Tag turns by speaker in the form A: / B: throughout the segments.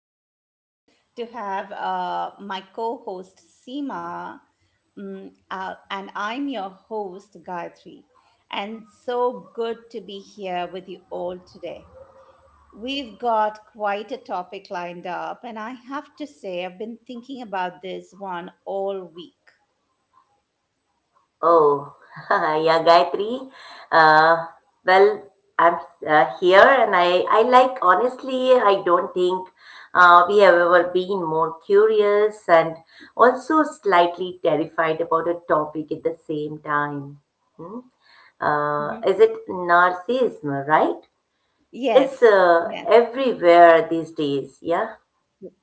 A: thrilled to have my co host Seema, and I'm your host Gayatri. And so good to be here with you all today. We've got quite a topic lined up, and I have to say, I've been thinking about this one all week.
B: Oh, yeah, Gayatri. Uh, well, I'm here and I like, honestly, I don't think we have ever been more curious and also slightly terrified about a topic at the same time. Hmm?
A: Mhm.
B: Is it narcissism, right? It's
A: Yes, yes.
B: everywhere these days, yeah?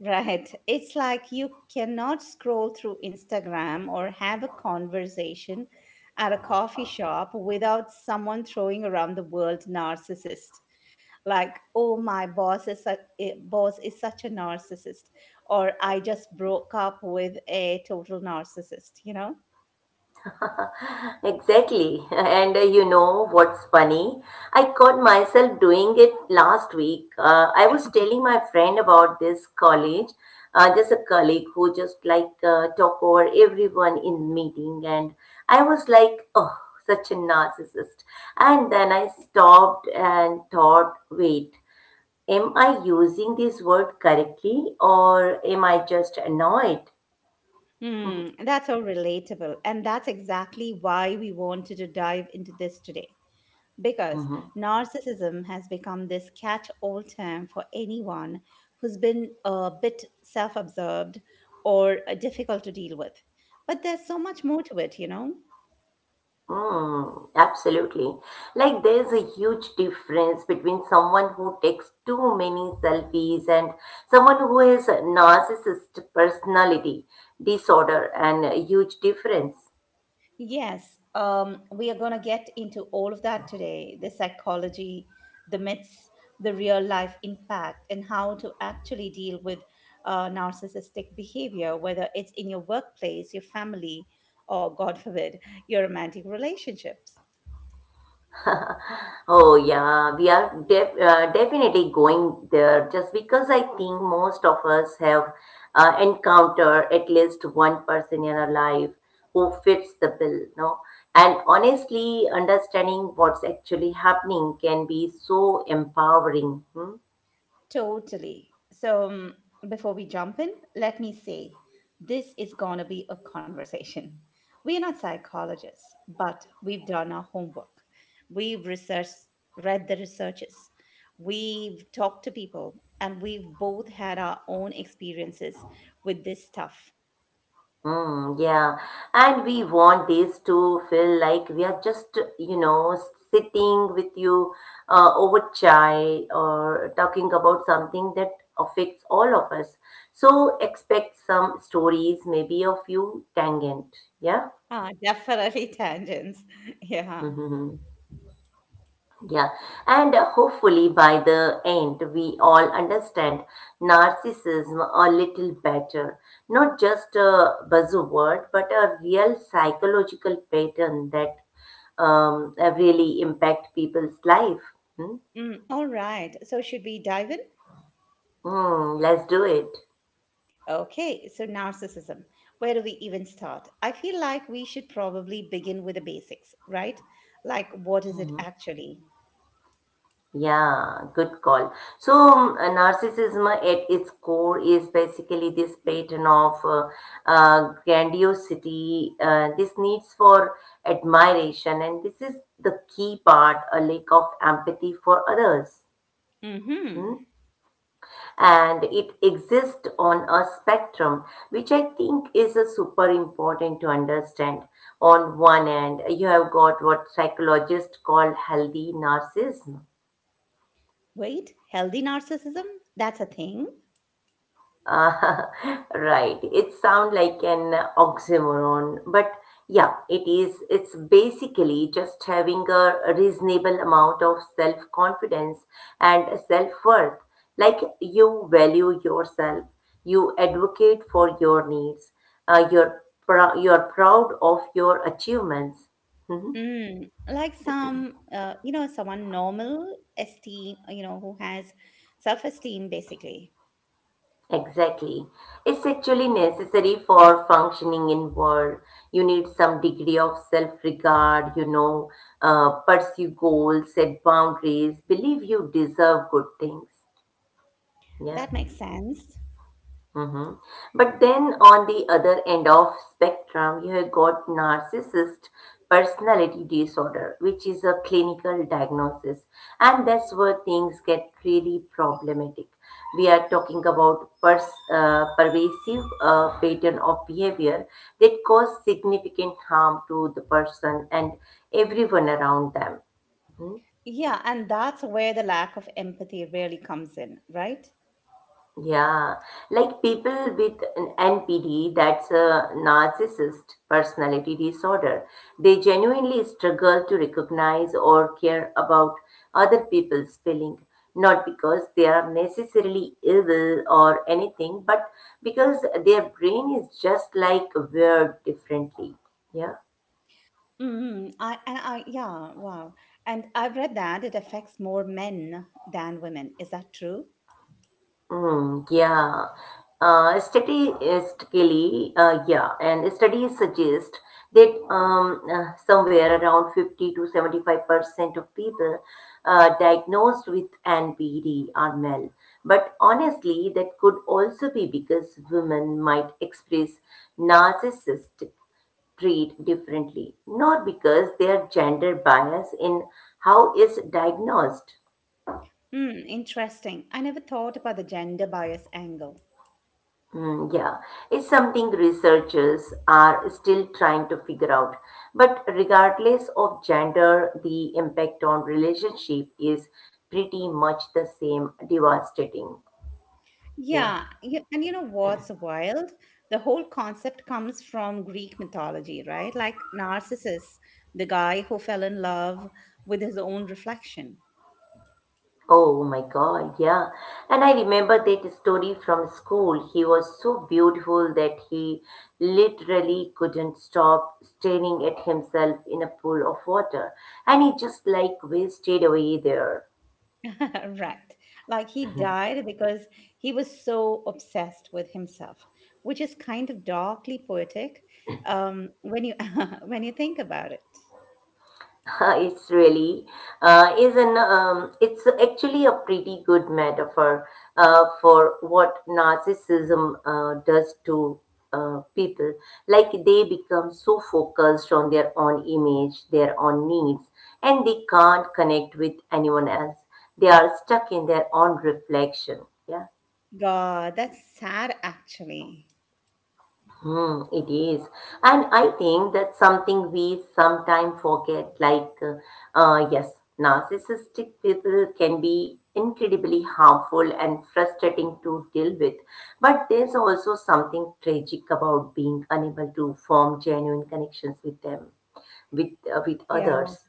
A: Right. It's like you cannot scroll through Instagram or have a conversation at a coffee shop without someone throwing around the word narcissist. Like, oh, my boss is such, boss is such a narcissist, or I just broke up with a total narcissist?
B: Exactly. And you know what's funny? I caught myself doing it last week. I was telling my friend about this college. There's a colleague who just like talk over everyone in meeting, and I was like, oh, such a narcissist. And then I stopped and thought, wait, am I using this word correctly, or am I just annoyed?
A: Hmm, that's so relatable. And that's exactly why we wanted to dive into this today, because
B: Mhm.
A: narcissism has become this catch all term for anyone who's been a bit self absorbed or difficult to deal with. But there's so much more to it?
B: Mm, absolutely. Like there's a huge difference between someone who takes too many selfies and someone who has a narcissist personality disorder and a huge difference.
A: Yes, we are going to get into all of that today, the psychology, the myths, the real life impact, and how to actually deal with narcissistic behavior, whether it's in your workplace, your family, or God forbid, your romantic relationships.
B: Oh yeah, we are definitely going there just because I think most of us have encountered at least one person in our life who fits the bill, no? And honestly, understanding what's actually happening can be so empowering. Hmm?
A: Totally. So, before we jump in, let me say this is going to be a conversation. We are not psychologists, but we've done our homework. We've researched, read the researches, we've talked to people, and we've both had our own experiences with this stuff.
B: Mm, yeah, and we want this to feel like we are just, you know, sitting with you over chai or talking about something that affects all of us. So expect some stories, maybe a few tangent. Yeah.
A: Ah, definitely tangents. Yeah.
B: Yeah, and hopefully by the end, we all understand narcissism a little better. Not just a buzzword, but a real psychological pattern that really impact people's life. Hmm?
A: Mm, all right. So, should we dive in?
B: Hmm, let's do it.
A: Okay, so narcissism. Where do we even start? I feel like we should probably begin with the basics, right? Like, what is it actually?
B: Yeah, good call. So, narcissism at its core is basically this pattern of grandiosity, this needs for admiration, and this is the key part a lack of empathy for others.
A: Mm-hmm.
B: Hmm? And it exists on a spectrum, which I think is a super important to understand. On one end, you have got what psychologists call healthy narcissism.
A: Wait, healthy narcissism? That's a thing.
B: Ah, right. It sounds like an oxymoron, but yeah, it is. It's basically just having a reasonable amount of self-confidence and self-worth. Like you value yourself, you advocate for your needs, you're you're proud of your achievements. Hmm.
A: Mm, like some, someone normal, esteem, you know, who has self-esteem, basically.
B: Exactly. It's actually necessary for functioning in world. You need some degree of self-regard, you know, pursue goals, set boundaries, believe you deserve good things. Yeah.
A: That makes sense.
B: Mhm. But then on the other end of spectrum, you have got narcissist personality disorder, which is a clinical diagnosis. And that's where things get really problematic. We are talking about pervasive pattern of behavior that cause significant harm to the person and everyone around them. Hmm?
A: Yeah, and that's where the lack of empathy really comes in, right?
B: Yeah, like people with an NPD, that's a narcissist personality disorder. They genuinely struggle to recognize or care about other people's feeling, not because they are necessarily evil or anything, but because their brain is just like wired differently. Yeah.
A: I yeah, wow. And I've read that it affects more men than women. Is that true?
B: Mm, yeah. Statistically, yeah, and studies suggest that somewhere around 50 to 75% of people diagnosed with NPD are male. But honestly, that could also be because women might express narcissistic treat differently, not because their gender bias in how it's diagnosed.
A: Mm, interesting. I never thought about the gender bias angle.
B: Mm, yeah, it's something researchers are still trying to figure out. But regardless of gender, the impact on relationship is pretty much the same, devastating. Yeah.
A: And you know what's wild? The whole concept comes from Greek mythology, right? Like Narcissus, the guy who fell in love with his own reflection.
B: Oh my God, yeah. And I remember that story from school. He was so beautiful that he literally couldn't stop staring at himself in a pool of water. And he just like wasted away there.
A: Right. Like he died because he was so obsessed with himself, which is kind of darkly poetic when you when you think about it.
B: It's really is an it's actually a pretty good metaphor for what narcissism does to people, like they become so focused on their own image, their own needs, and they can't connect with anyone else. They are stuck in their own reflection. Yeah.
A: God, that's sad actually.
B: Hmm, it is. And I think that's something we sometimes forget. Yes, narcissistic people can be incredibly harmful and frustrating to deal with. But there's also something tragic about being unable to form genuine connections with them, with
A: Yeah,
B: others.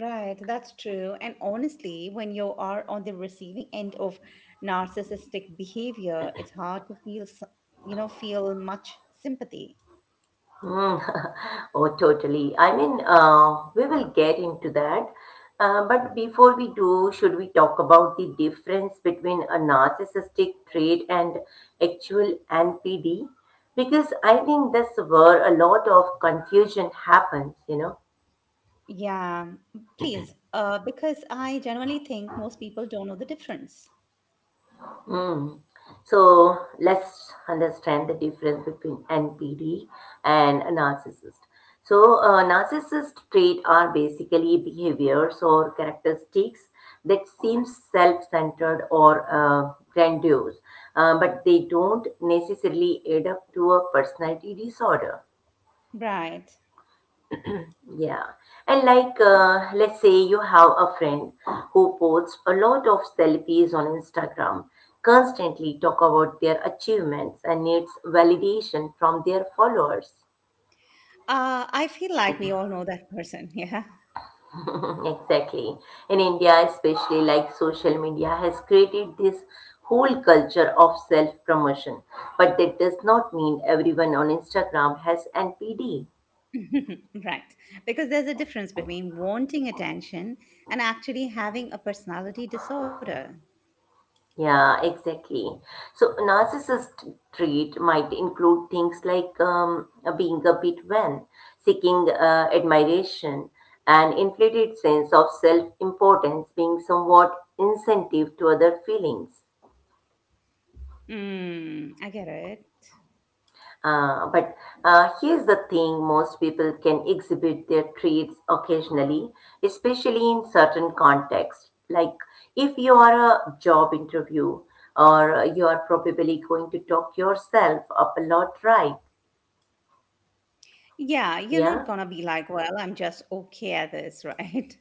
A: right. That's true. And honestly, when you are on the receiving end of narcissistic behavior, it's hard to you know, feel much sympathy.
B: Mm, Oh, totally. I mean, we will get into that. But before we do, should we talk about the difference between a narcissistic trait and actual NPD? Because I think that's where a lot of confusion happens, you know.
A: Yeah, please, because I genuinely think most people don't know the difference.
B: Mm. So let's understand the difference between NPD and a narcissist. So, narcissist traits are basically behaviors or characteristics that seem self-centered or grandiose, but they don't necessarily add up to a personality disorder.
A: Right.
B: Yeah. And like, let's say you have a friend who posts a lot of selfies on Instagram, constantly talk about their achievements and needs validation from their followers.
A: I feel like we all know that person. Yeah.
B: Mm, exactly. In India, especially, like social media has created this whole culture of self promotion. But that does not mean everyone on Instagram has NPD.
A: right. Because there's a difference between wanting attention and actually having a personality disorder.
B: Yeah, exactly. So, narcissist trait might include things like being a bit vain, seeking admiration, an inflated sense of self importance, being somewhat insensitive to other feelings.
A: Mm, I get it.
B: But here's the thing, most people can exhibit their traits occasionally, especially in certain contexts. Like if you are a job interview or you are probably going to talk yourself up a lot, right?
A: Yeah. You're not going
B: Yeah.
A: to be like, well, I'm just okay at this, right?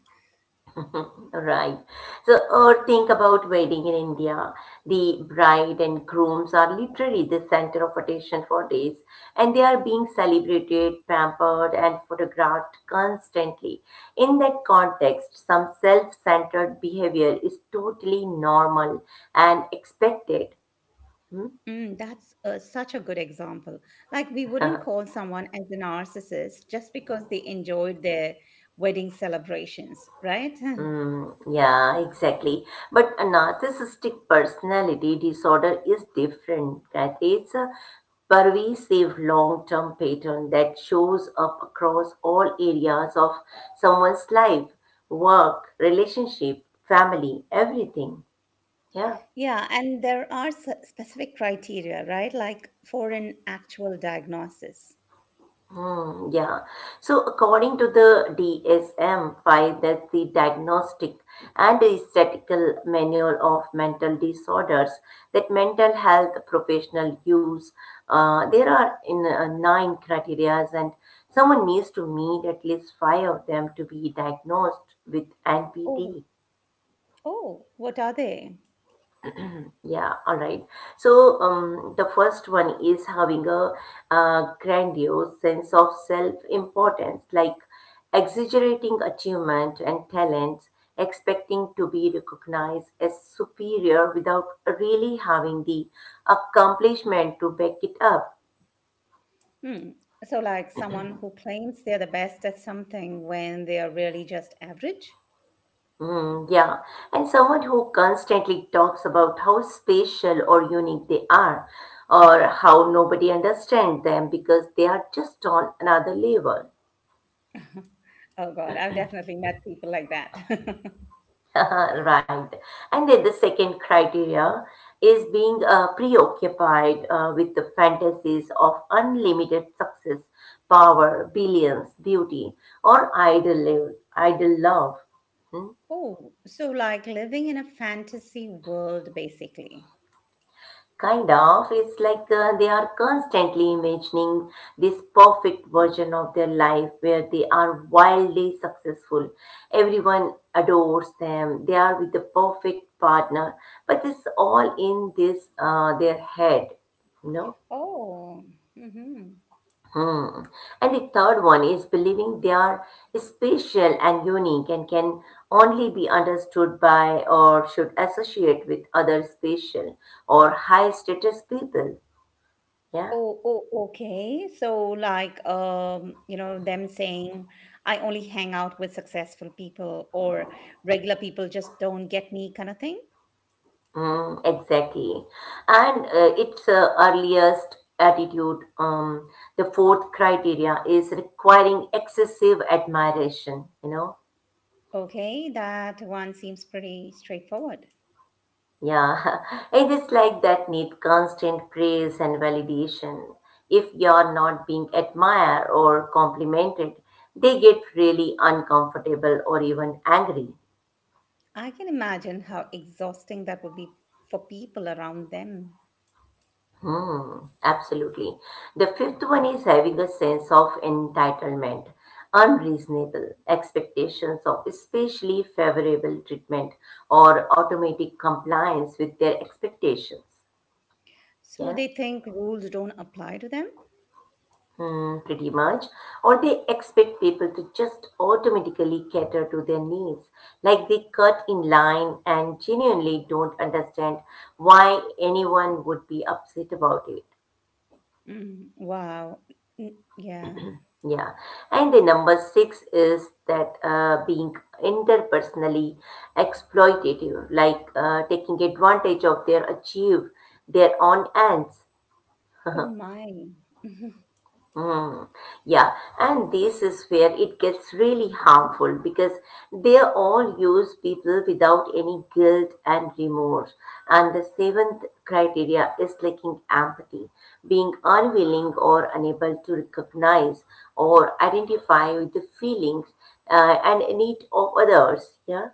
B: Right. So, or think about wedding in India. The bride and grooms are literally the center of attention for days, and they are being celebrated, pampered, and photographed constantly. In that context, some self-centered behavior is totally normal and expected. Hmm?
A: Mm, that's such a good example. Like, we wouldn't call someone as a narcissist just because they enjoyed their wedding celebrations, right?
B: Mm, yeah, exactly. But a narcissistic personality disorder is different, right? It's a pervasive long-term pattern that shows up across all areas of someone's life, work, relationship, family, everything. Yeah.
A: Yeah, and there are specific criteria, right? Like for an actual diagnosis.
B: Hmm, yeah. So, according to the DSM-5, that's the Diagnostic and Statistical Manual of Mental Disorders, that mental health professional use, there are in 9 criteria, and someone needs to meet at least 5 of them to be diagnosed with
A: Oh,
B: NPD.
A: oh, what are they?
B: Yeah, all right. So, the first one is having a grandiose sense of self-importance, like exaggerating achievement and talents, expecting to be recognized as superior without really having the accomplishment to back it up.
A: Hmm. So, like someone who claims they're the best at something when they are really just average?
B: Mm, yeah, and someone who constantly talks about how special or unique they are, or how nobody understands them because they are just on another level.
A: Oh, God, I've definitely met people like that.
B: Right. And then the second criteria is being preoccupied with the fantasies of unlimited success, power, billions, beauty, or idle, live, idle love.
A: oh, so like living in a fantasy world, basically.
B: Kind of. It's like they are constantly imagining this perfect version of their life where they are wildly successful. Everyone adores them. They are with the perfect partner. But it's all in this their head, you know.
A: Oh, mm-hmm.
B: Hmm. And the third one is believing they are special and unique and can only be understood by or should associate with other special or high status people. Yeah.
A: Oh, oh, okay. So, like, you know, them saying, I only hang out with successful people, or regular people just don't get me, kind of thing.
B: Mm, exactly. And its earliest attitude, the fourth criteria is requiring excessive admiration, you know?
A: Okay, that one seems pretty straightforward.
B: Yeah. It is like that need constant praise and validation. If you're not being admired or complimented, they get really uncomfortable or even angry.
A: I can imagine how exhausting that would be for people around them.
B: Hmm, absolutely. The fifth one is having a sense of entitlement, unreasonable expectations of especially favorable treatment or automatic compliance with their expectations.
A: So
B: Yeah,
A: they think rules don't apply to them?
B: hmm, pretty much. Or they expect people to just automatically cater to their needs, like they cut in line and genuinely don't understand why anyone would be upset about it.
A: Mm, wow. Yeah.
B: Yeah, and the number 6 is that being interpersonally exploitative, like taking advantage of their own ends.
A: Oh my.
B: Mm, yeah, and this is where it gets really harmful because they all use people without any guilt and remorse. And the seventh criteria is lacking empathy, being unwilling or unable to recognize or identify with the feelings and need of others. Yeah.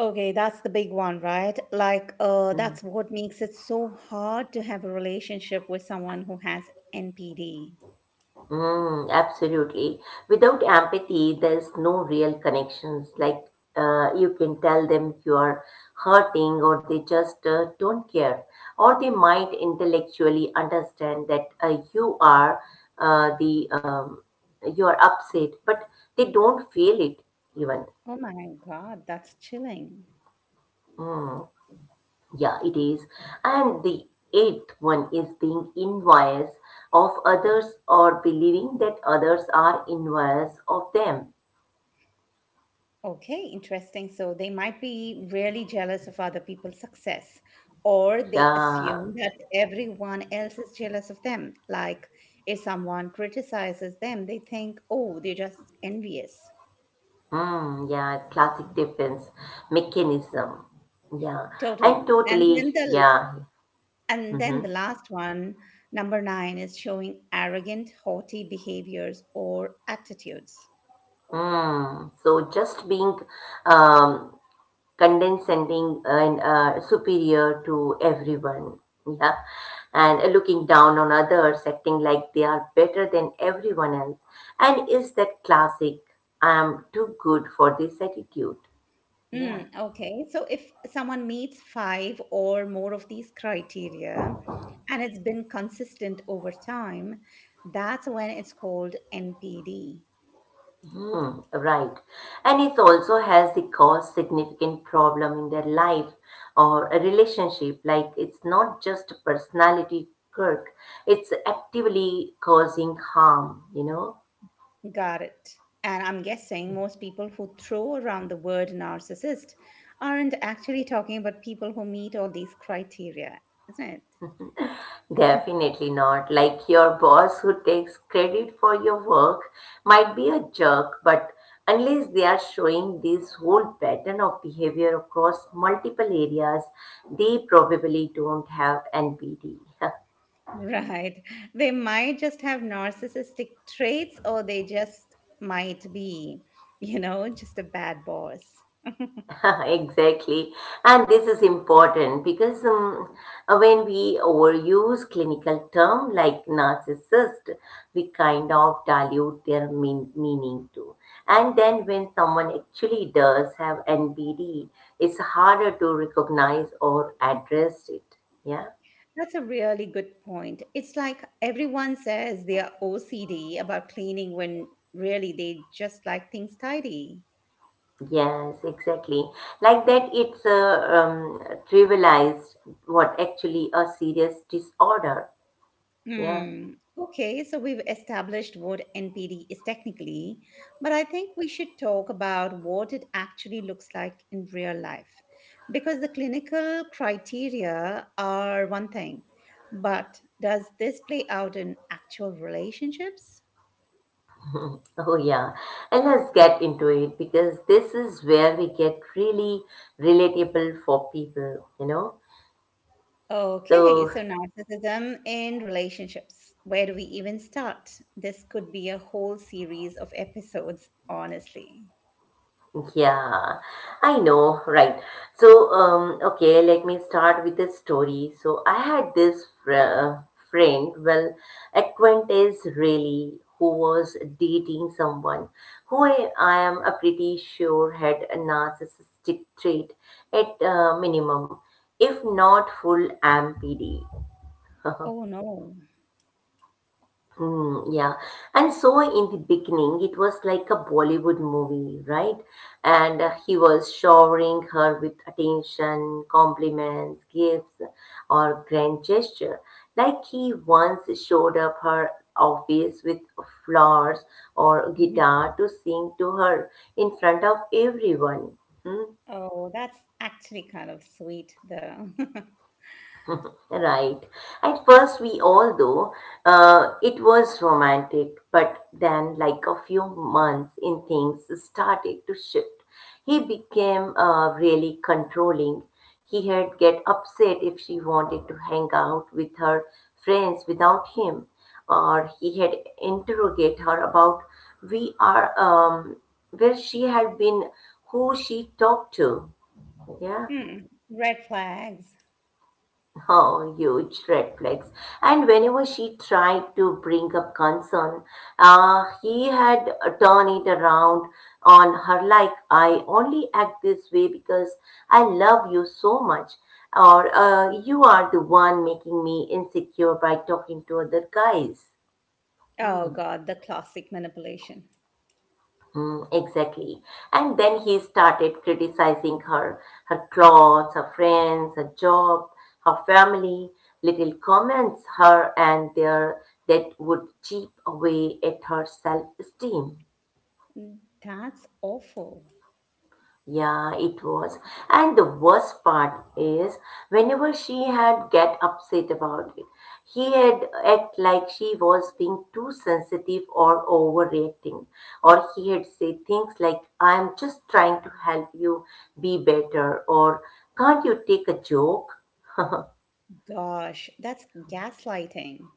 A: Okay, that's the big one, right? Like, that's what makes it so hard to have a relationship with someone who has NPD.
B: Mm, absolutely. Without empathy, there's no real connections. Like you can tell them you are hurting, or they just don't care, or they might intellectually understand that you are the you are upset, but they don't feel it even.
A: Oh my God, that's chilling.
B: Yeah, it is. And the eighth one is being envious of others or believing that others are envious of them.
A: Okay, interesting. So they might be really jealous of other people's success, or they
B: Yeah.
A: assume that everyone else is jealous of them. Like, if someone criticizes them, they think, oh, they're just envious.
B: Mm, yeah, classic defense mechanism. Yeah, and
A: Totally.
B: totally, yeah.
A: And then
B: Mm-hmm.
A: the last one, number nine, is showing arrogant, haughty behaviors or attitudes.
B: Mm. So just being um, condescending and superior to everyone. Yeah, and looking down on others, acting like they are better than everyone else. And is that classic? I'm too good for this attitude. Yeah.
A: Mm, okay, so if someone meets five or more of these criteria and it's been consistent over time, that's when it's called NPD.
B: Hmm, right. And it also has the cause significant problem in their life or a relationship. Like it's not just a personality quirk, it's actively causing harm, you know?
A: Got it. And I'm guessing most people who throw around the word narcissist aren't actually talking about people who meet all these criteria, isn't it?
B: Definitely not. Like your boss who takes credit for your work might be a jerk, but unless they are showing this whole pattern of behavior across multiple areas, they probably don't have NPD.
A: Right. They might just have narcissistic traits, or they just might be, you know, just a bad boss.
B: Exactly. And this is important because when we overuse clinical term like narcissist, we kind of dilute their meaning too. And then when someone actually does have NBD, it's harder to recognize or address it. Yeah.
A: That's a really good point. It's like everyone says they are OCD about cleaning when really they just like things tidy.
B: Yes, exactly. Like that, it's trivialized what actually a serious disorder. Yeah.
A: Hmm. Okay, so we've established what NPD is technically, but I think we should talk about what it actually looks like in real life. Because the clinical criteria are one thing, but does this play out in actual relationships?
B: Oh, yeah. And let's get into it because this is where we get really relatable for people,
A: Okay,
B: So,
A: so narcissism in relationships. Where do we even start? This could be a whole series of episodes, honestly.
B: yeah, I know, right. So, okay, let me start with a story. So, I had this friend, well, acquaintance really, who was dating someone who I am a pretty sure had a narcissistic trait at minimum, if not full MPD.
A: Oh no.
B: Mm, yeah. And so in the beginning, it was like a Bollywood movie, right? And he was showering her with attention, compliments, gifts, or grand gesture. Like he once showed up her office with flowers or
A: Mm-hmm.
B: guitar to sing to her in front of everyone. Hmm?
A: Oh, that's actually kind of sweet, though.
B: Right. At first, we all though it was romantic, but then, like a few months in, things started to shift. He became really controlling. He had get upset if she wanted to hang out with her friends without him, or he had interrogate her about we are where she had been, who she talked to. Yeah.
A: Hmm. Red flags.
B: Oh, huge red flags. And whenever she tried to bring up concern, he had turned it around on her like, I only act this way because I love you so much, or you are the one making me insecure by talking to other guys.
A: Oh,
B: Hmm.
A: God, the classic manipulation.
B: Mm, exactly. And then he started criticizing her, her clothes, her friends, her job, her family, little comments her and their that would chip away at her self-esteem.
A: Mm, that's awful.
B: Yeah, it was. And the worst part is whenever she had get upset about it, he had act like she was being too sensitive or overreacting. Or he had said things like, I'm just trying to help you be better or can't you take a joke?
A: Gosh, that's gaslighting.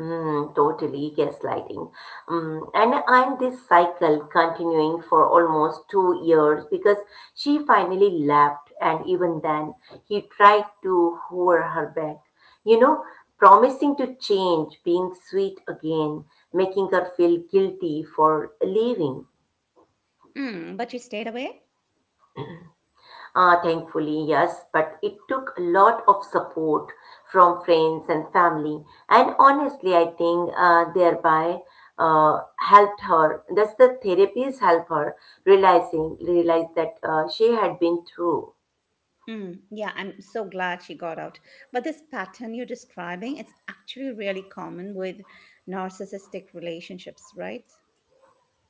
B: Mm, totally gaslighting. Mm, and this cycle continuing for almost 2 years because she finally left, and even then he tried to woo her back. You know, promising to change, being sweet again, making her feel guilty for leaving.
A: Mm, but you stayed away?
B: Thankfully, yes, but it took a lot of support from friends and family. And honestly, I think thereby helped her. That's the therapies help her realizing realize that she had been through.
A: Mm, yeah, I'm so glad she got out. But this pattern you're describing, it's actually really common with narcissistic relationships, right?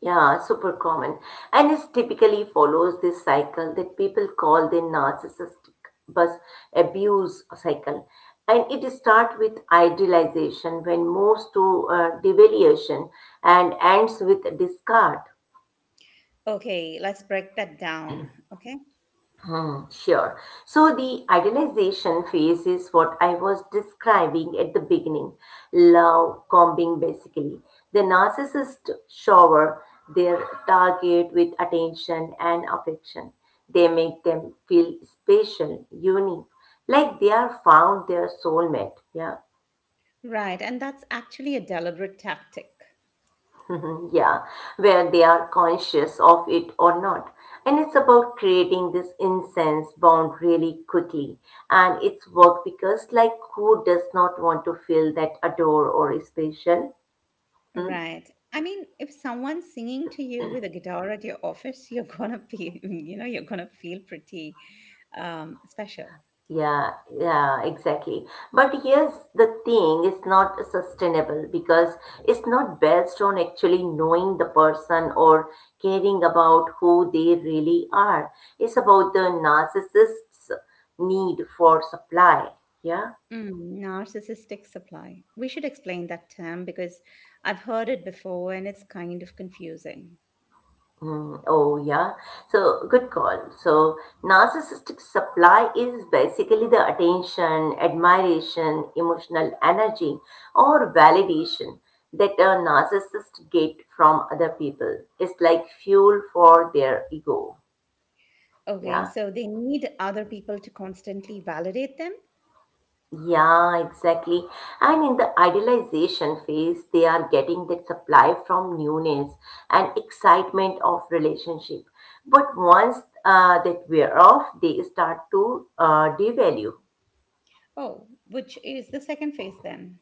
B: Yeah, super common. And it typically follows this cycle that people call the narcissistic bus abuse cycle. And it starts with idealization, when moves to devaluation and ends with discard.
A: Okay, let's break that down. Okay.
B: Hmm, sure. So the idealization phase is what I was describing at the beginning. Love bombing basically. The narcissist shower their target with attention and affection. They make them feel special, unique, like they are found their soulmate. Yeah.
A: Right. And that's actually a deliberate tactic.
B: Mhm, yeah, where they are conscious of it or not. And it's about creating this incense bound really quickly. And it's work because, like, who does not want to feel that adore or is special?
A: Right. I mean, if someone's singing to you with a guitar at your office, you're gonna be, you know, you're gonna feel pretty special.
B: Yeah, yeah, exactly. But here's the thing, it's not sustainable because it's not based on actually knowing the person or caring about who they really are. It's about the narcissist's need for supply. Yeah?
A: Mm, narcissistic supply. We should explain that term because I've heard it before and it's kind of confusing.
B: Mm, oh, yeah. So, good call. So, narcissistic supply is basically the attention, admiration, emotional energy, or validation that a narcissist get from other people. It's like fuel for their ego.
A: Okay,
B: Yeah.
A: so they need other people to constantly validate them.
B: Yeah, exactly. And in the idealization phase, they are getting that supply from newness and excitement of relationship. But once that wear off, they start to devalue.
A: Oh, which is the second phase then.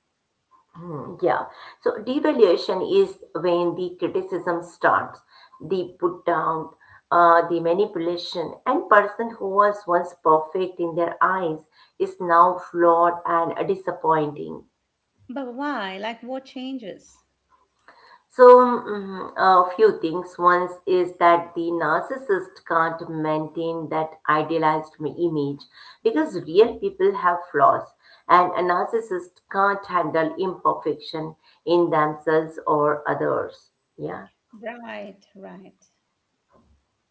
B: Yeah. So devaluation is when the criticism starts, the put down, the manipulation, and person who was once perfect in their eyes is now flawed and disappointing.
A: But why? Like what changes?
B: So, mm, a few things. One is that the narcissist can't maintain that idealized image because real people have flaws, and a narcissist can't handle imperfection in themselves or others. Yeah.
A: Right, right.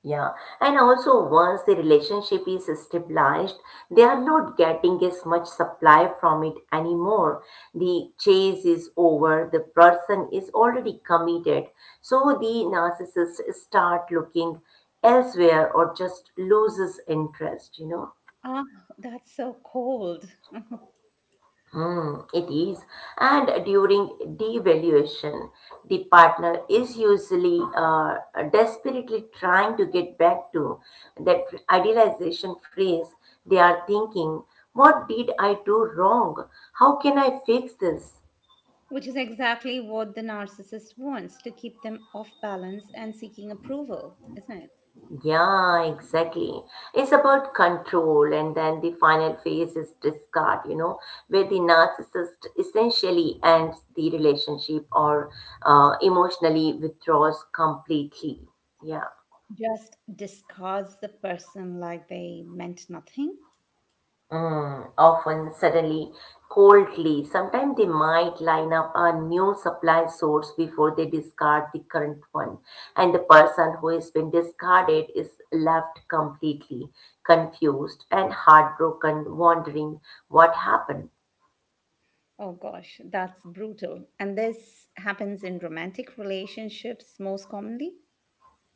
B: Yeah, and also once the relationship is stabilized, they are not getting as much supply from it anymore. The chase is over, the person is already committed. So the narcissist start looking elsewhere or just loses interest, you know.
A: Ah, that's so cold.
B: Hmm, it is. And during devaluation, the partner is usually desperately trying to get back to that idealization phrase. They are thinking, what did I do wrong? How can I fix this?
A: Which is exactly what the narcissist wants, to keep them off balance and seeking approval, isn't it?
B: Yeah, exactly. It's about control, and then the final phase is discard, you know, where the narcissist essentially ends the relationship or emotionally withdraws completely. Yeah.
A: Just discards the person like they meant nothing.
B: Mm, often suddenly, coldly. Sometimes they might line up a new supply source before they discard the current one, and the person who has been discarded is left completely confused and heartbroken, wondering what happened.
A: Oh gosh, that's brutal. And this happens in romantic relationships most commonly.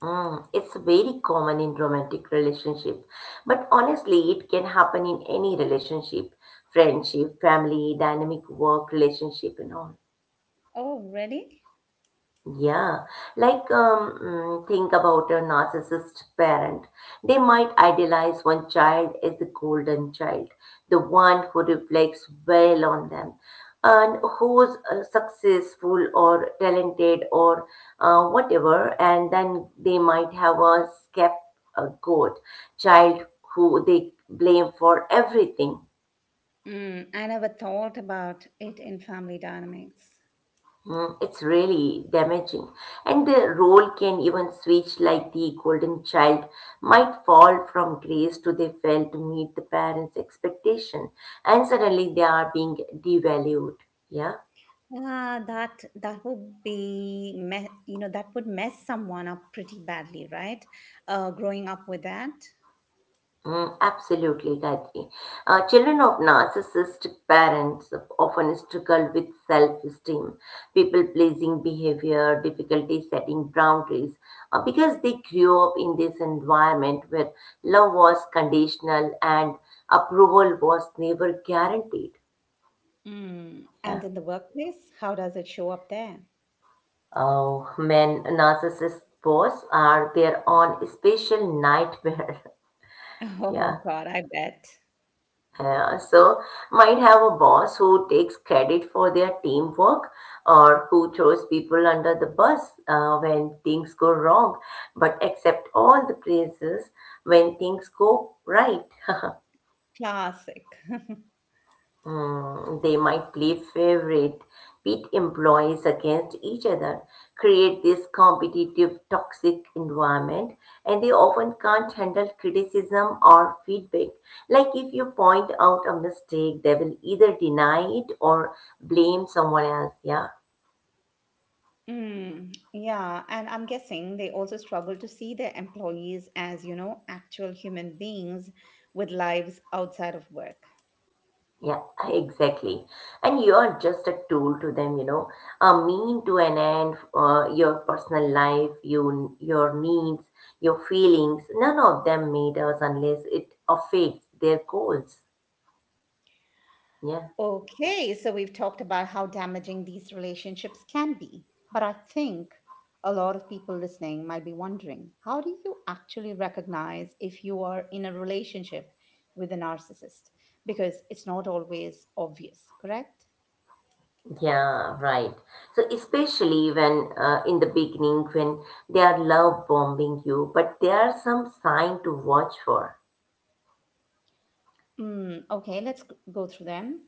B: Mm, it's very common in romantic relationship, but honestly, it can happen in any relationship, friendship, family, dynamic work relationship, and all.
A: Oh, really?
B: Yeah, like think about a narcissist parent. They might idealize one child as the golden child, the one who reflects well on them, and who's successful or talented or whatever. And then they might have a scapegoat child who they blame for everything.
A: Mm, I never thought about it in family dynamics.
B: Mm, it's really damaging. And the role can even switch, like the golden child might fall from grace to they fail to meet the parents' expectation, and suddenly they are being devalued. Yeah.
A: That would be you know, that would mess someone up pretty badly, right? Growing up with that.
B: Mm, absolutely, Gayatri. Children of narcissistic parents often struggle with self esteem, people pleasing behavior, difficulty setting boundaries, because they grew up in this environment where love was conditional and approval was never guaranteed.
A: Mm.
B: Yeah.
A: And in the workplace, how does it show up there?
B: Oh, men, narcissist boys are their own special nightmare.
A: Oh
B: Yeah.
A: God, I bet.
B: So might have a boss who takes credit for their teamwork or who throws people under the bus when things go wrong but accept all the praises when things go right.
A: Classic.
B: Mm, they might play favorite pit employees against each other, create this competitive, toxic environment, and they often can't handle criticism or feedback. Like if you point out a mistake, they will either deny it or blame someone else. Yeah.
A: Mm, yeah, and I'm guessing they also struggle to see their employees as, you know, actual human beings with lives outside of work.
B: Yeah, exactly. And you're just a tool to them, you know, a mean to an end, your personal life, you, your needs, your feelings, none of them matters unless it affects their goals. Yeah,
A: Okay, so we've talked about how damaging these relationships can be, but I think a lot of people listening might be wondering, how do you actually recognize if you are in a relationship with a narcissist? Because it's not always obvious, correct?
B: yeah, right. So especially when in the beginning when they are love bombing you, but there are some sign to watch for.
A: Mm, okay, let's go through them.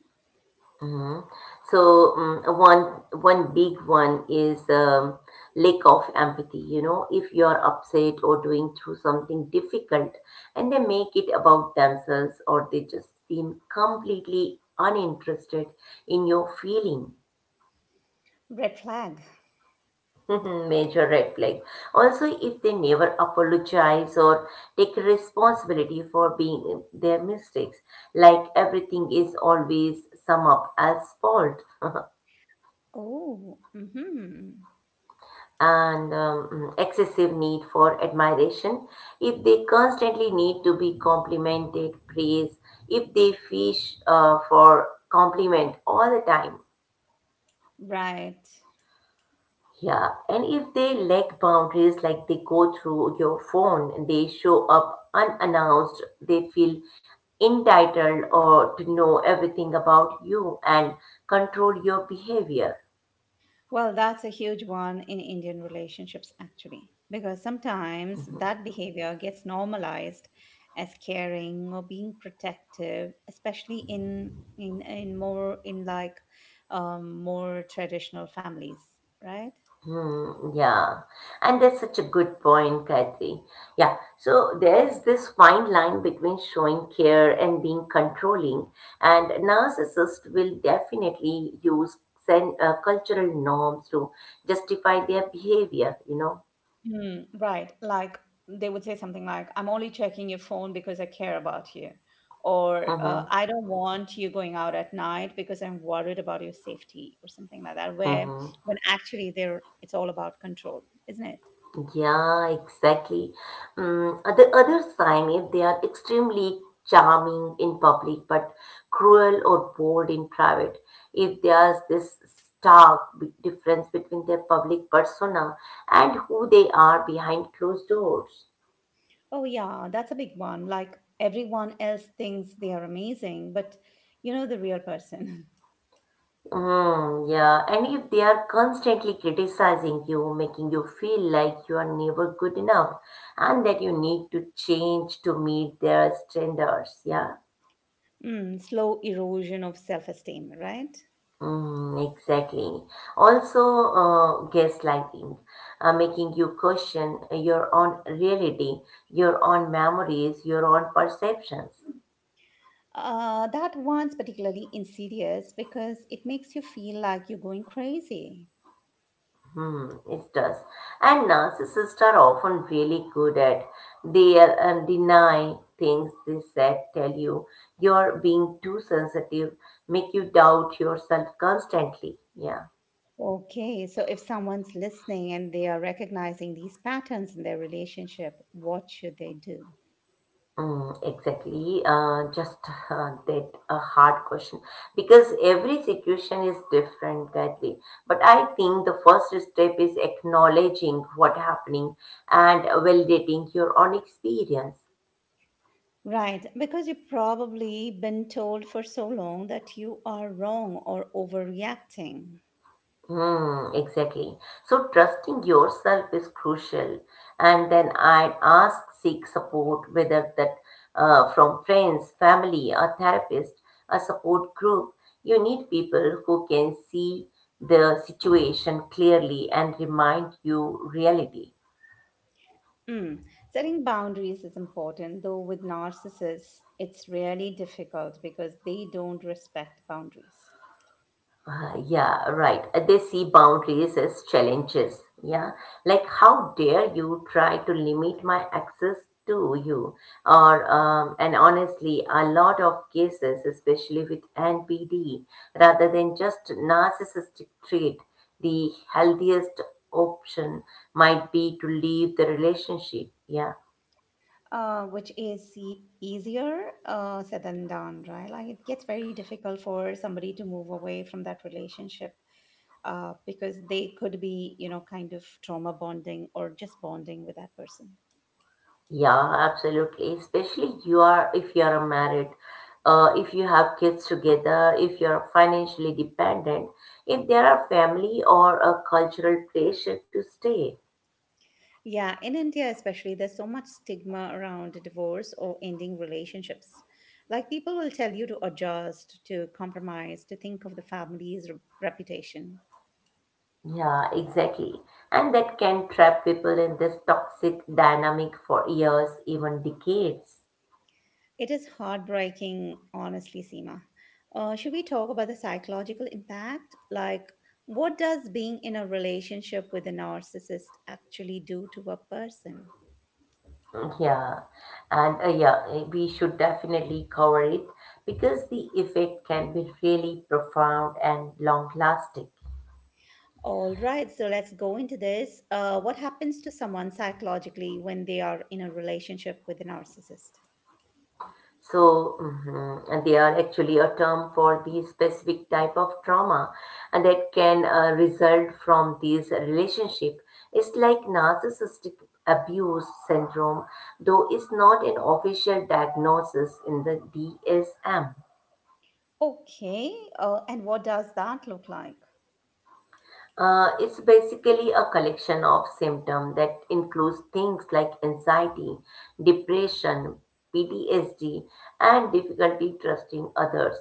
B: Mhm. So mm one one big one is lack of empathy. You know, if you are upset or doing through something difficult, and they make it about themselves, or they just seem completely uninterested in your feeling.
A: Red flag.
B: Major red flag. Also, if they never apologize or take responsibility for being their mistakes, like everything is always sum up as fault.
A: Oh, mm-hmm.
B: And excessive need for admiration, if they constantly need to be complimented, praised, if they fish for compliment all the time.
A: Right.
B: Yeah, and if they lack boundaries, like they go through your phone, and they show up unannounced, they feel entitled or to know everything about you and control your behavior.
A: Well, that's a huge one in Indian relationships, actually, because sometimes that behavior gets normalized as caring or being protective, especially in more in like more traditional families, right?
B: Hmm, yeah, and that's such a good point, Gayatri. Yeah, so there's this fine line between showing care and being controlling, and narcissists will definitely use cultural norms to justify their behavior, you know.
A: Mm, right. Like they would say something like, I'm only checking your phone because I care about you. Or
B: Hmm.
A: I don't want you going out at night because I'm worried about your safety or something like that, where
B: Hmm.
A: it's all about control, isn't it?
B: Yeah, exactly. Mm, the other sign is they are extremely charming in public but cruel or bold in private. If there's this stark difference between their public persona and who they are behind closed doors.
A: Oh, yeah, that's a big one. Like everyone else thinks they are amazing, but you know the real person.
B: Mm, yeah, and if they are constantly criticizing you, making you feel like you are never good enough and that you need to change to meet their standards, yeah.
A: Mm, slow erosion of self-esteem, right?
B: Mm, exactly. Also, gaslighting, making you question your own reality, your own memories, your own perceptions.
A: That one's particularly insidious because it makes you feel like you're going crazy.
B: Hmm, it does. And narcissists are often really good at they deny things they said, tell you you're being too sensitive, make you doubt yourself constantly. Yeah.
A: Okay, so if someone's listening and they are recognizing these patterns in their relationship, what should they do?
B: Mm, exactly. Just that a hard question because every situation is different that way. But I think the first step is acknowledging what happening and validating your own experience.
A: Right, because you've probably been told for so long that you are wrong or overreacting.
B: Hmm, exactly. So trusting yourself is crucial. And then I'd ask, seek support, whether that from friends, family, a therapist, a support group. You need people who can see the situation clearly and remind you reality.
A: Mm. Setting boundaries is important, though with narcissists, it's really difficult because they don't respect boundaries.
B: Yeah, right. They see boundaries as challenges. Yeah. Like, how dare you try to limit my access to you? Or, and honestly, a lot of cases, especially with NPD, rather than just narcissistic trait, the healthiest option might be to leave the relationship. Yeah.
A: Which is easier said than done, right? Like it gets very difficult for somebody to move away from that relationship because they could be, you know, kind of trauma bonding or just bonding with that person.
B: Yeah, absolutely. Especially you are if you are married, if you have kids together, if you are financially dependent, if there are family or a cultural pressure to stay.
A: Yeah, in India especially, there's so much stigma around divorce or ending relationships. Like people will tell you to adjust, to compromise, to think of the family's reputation.
B: Yeah, exactly. And that can trap people in this toxic dynamic for years, even decades.
A: It is heartbreaking, honestly, Seema. Should we talk about the psychological impact? Like, what does being in a relationship with a narcissist actually do to a person?
B: Yeah, yeah, we should definitely cover it because the effect can be really profound and long lasting.
A: All right, so let's go into this. What happens to someone psychologically when they are in a relationship with a narcissist?
B: So and they are actually a term for the specific type of trauma and that can result from these relationship. It's like narcissistic abuse syndrome, though it's not an official diagnosis in the DSM.
A: Okay, and what does that look like?
B: It's basically a collection of symptoms that includes things like anxiety, depression, PTSD, and difficulty trusting others,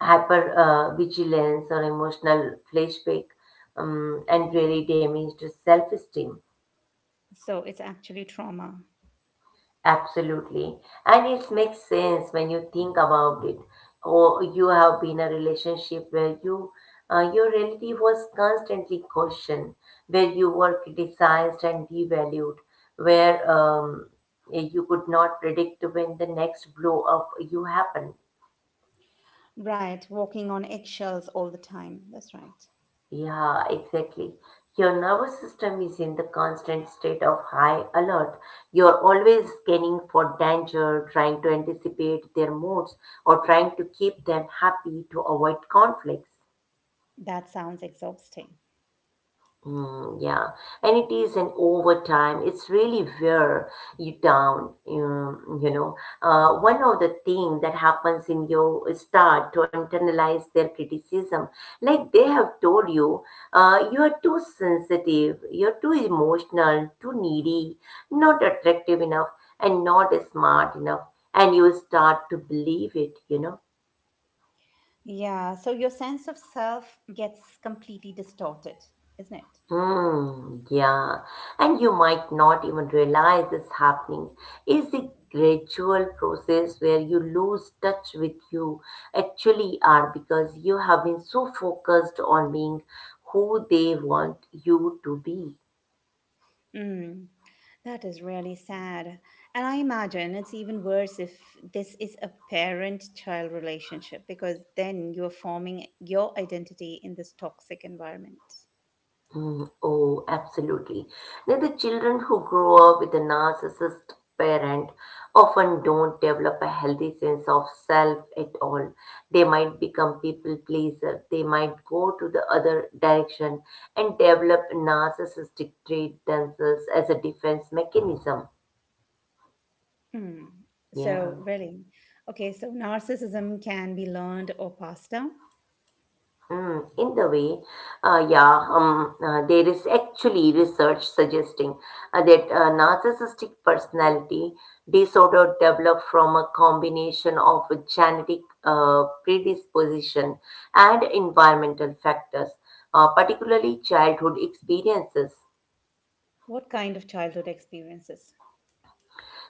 B: hyper vigilance or emotional flashback, and really damaged self-esteem.
A: So it's actually trauma.
B: Absolutely. And it makes sense when you think about it. Or you have been in a relationship where your reality was constantly questioned, where you were criticized and devalued, where you could not predict when the next blow up you happened.
A: Right, walking on eggshells all the time. That's right.
B: Yeah, exactly. Your nervous system is in the constant state of high alert. You're always scanning for danger, trying to anticipate their moods, or trying to keep them happy to avoid conflicts.
A: That sounds exhausting.
B: Mm, yeah, and it is an overtime. It's really wear you down. One of the thing that happens in your start to internalize their criticism, like they have told you, you are too sensitive, you're too emotional, too needy, not attractive enough, and not smart enough, and you start to believe it.
A: Yeah, so your sense of self gets completely distorted, isn't it?
B: Hmm, yeah, and you might not even realize it's happening. It's a gradual process where you lose touch with you actually are because you have been so focused on being who they want you to be.
A: Mm, that is really sad. And I imagine it's even worse if this is a parent-child relationship because then you're forming your identity in this toxic environment.
B: Mm, oh, absolutely. Now, the children who grow up with a narcissist parent often don't develop a healthy sense of self at all. They might become people pleaser. They might go to the other direction and develop narcissistic trait themselves as a defense mechanism.
A: Mm. So,
B: Yeah.
A: really, okay, so narcissism can be learned or passed down.
B: Mm, in the way, yeah, there is actually research suggesting that narcissistic personality disorder develop from a combination of genetic predisposition and environmental factors, particularly childhood experiences.
A: What kind of childhood experiences?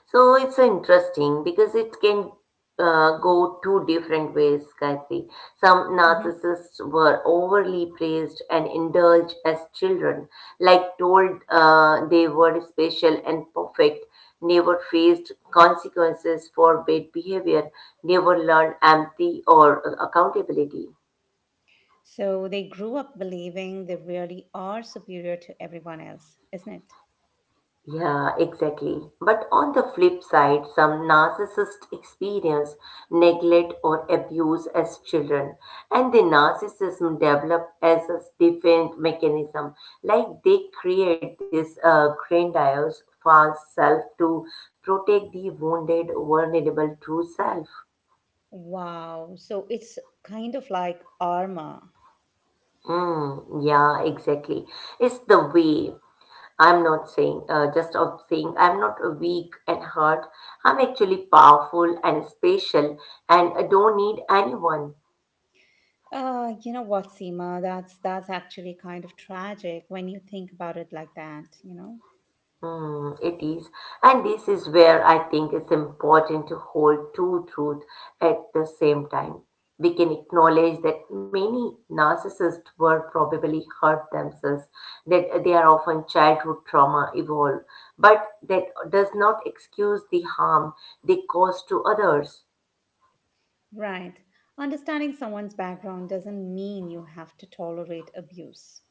B: So it's interesting because it can go two different ways, Gayatri. Some
A: Mm-hmm.
B: narcissists were overly praised and indulged as children, like told they were special and perfect, never faced consequences for bad behavior, never learned empathy or accountability.
A: So they grew up believing they really are superior to everyone else, isn't it?
B: Yeah, exactly. But on the flip side, some narcissists experience neglect or abuse as children, and the narcissism develop as a defense mechanism. Like they create this grandiose false self to protect the wounded, vulnerable true self.
A: Wow. So it's kind of like armor.
B: Mm, yeah, exactly. It's the way I'm not saying, just of saying, I'm not a weak and hurt. I'm actually powerful and special and I don't need anyone.
A: You know what, Seema? That's actually kind of tragic when you think about it like that?
B: Hmm, it is. And this is where I think it's important to hold two truths at the same time. We can acknowledge that many narcissists were probably hurt themselves, that they are often childhood trauma evolved, but that does not excuse the harm they cause to others.
A: Right. Understanding someone's background doesn't mean you have to tolerate abuse.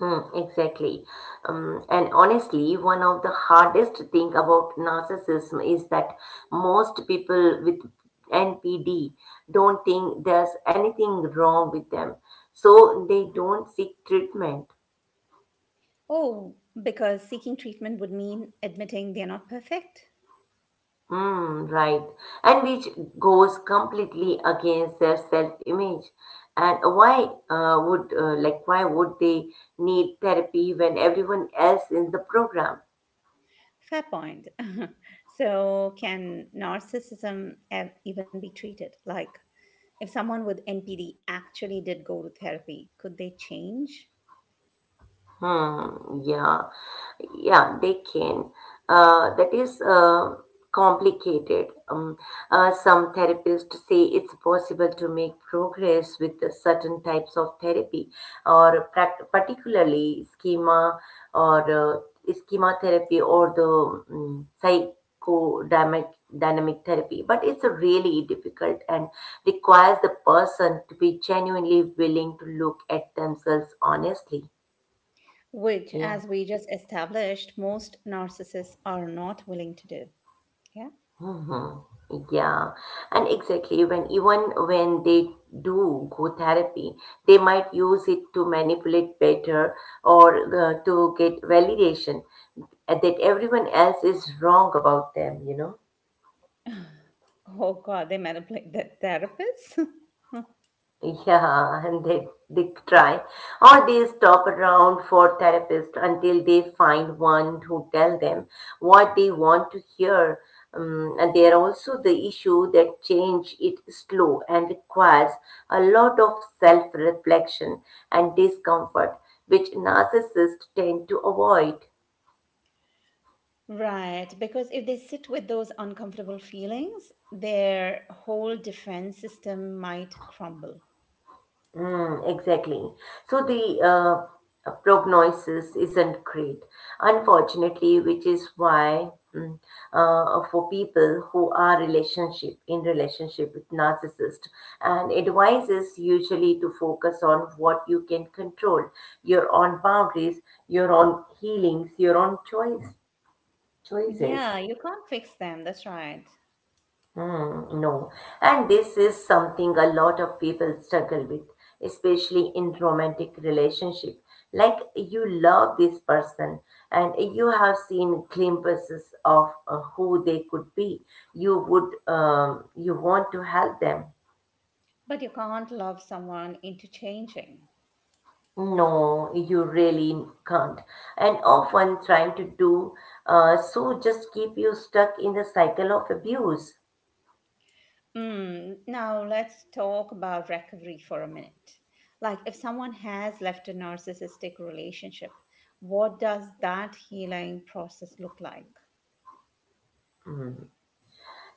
B: Mm, exactly. And honestly, one of the hardest thing about narcissism is that most people with NPD don't think there's anything wrong with them. So they don't seek treatment.
A: Oh, because seeking treatment would mean admitting they're not perfect?
B: Mm, right. And which goes completely against their self-image. And why would they need therapy when everyone else in the program.
A: Fair point. So, can even be treated? Like, if someone with NPD actually did go to therapy, could they change?
B: Hmm, yeah, yeah, they can. That is complicated. Some therapists say it's possible to make progress with the certain types of therapy, or particularly or schema therapy or the psychodynamic dynamic therapy. But it's really difficult and requires the person to be genuinely willing to look at themselves honestly.
A: Which,
B: Yeah.
A: as we just established, most narcissists are not willing to do. Yeah.
B: Mhm. Yeah, and exactly when even when they do go therapy, they might use it to manipulate better or to get validation that everyone else is wrong about them, you know.
A: Oh, God, they manipulate the therapists.
B: Yeah, and they try. Or they stop around for therapists until they find one who tell them what they want to hear. And there are also the issue that change it slow and requires a lot of self-reflection and discomfort, which narcissists tend to avoid.
A: Right, because if they sit with those uncomfortable feelings, their whole defense system might crumble.
B: Hmm, exactly. So the prognosis isn't great, unfortunately, which is why for people who are relationship with narcissist, and advice is usually to focus on what you can control, your own boundaries, your own healings, your own choices.
A: Yeah, you can't fix them, that's right.
B: Hmm, no, and this is something a lot of people struggle with, especially in romantic relationship. Like you love this person and you have seen glimpses of who they could be. You want to help them.
A: But you can't love someone into changing.
B: No, you really can't. And often trying to do so just keep you stuck in the cycle of abuse.
A: Mm, now, let's talk about recovery for a minute. Like, if someone has left a narcissistic relationship, what does that healing process look like?
B: Hmm.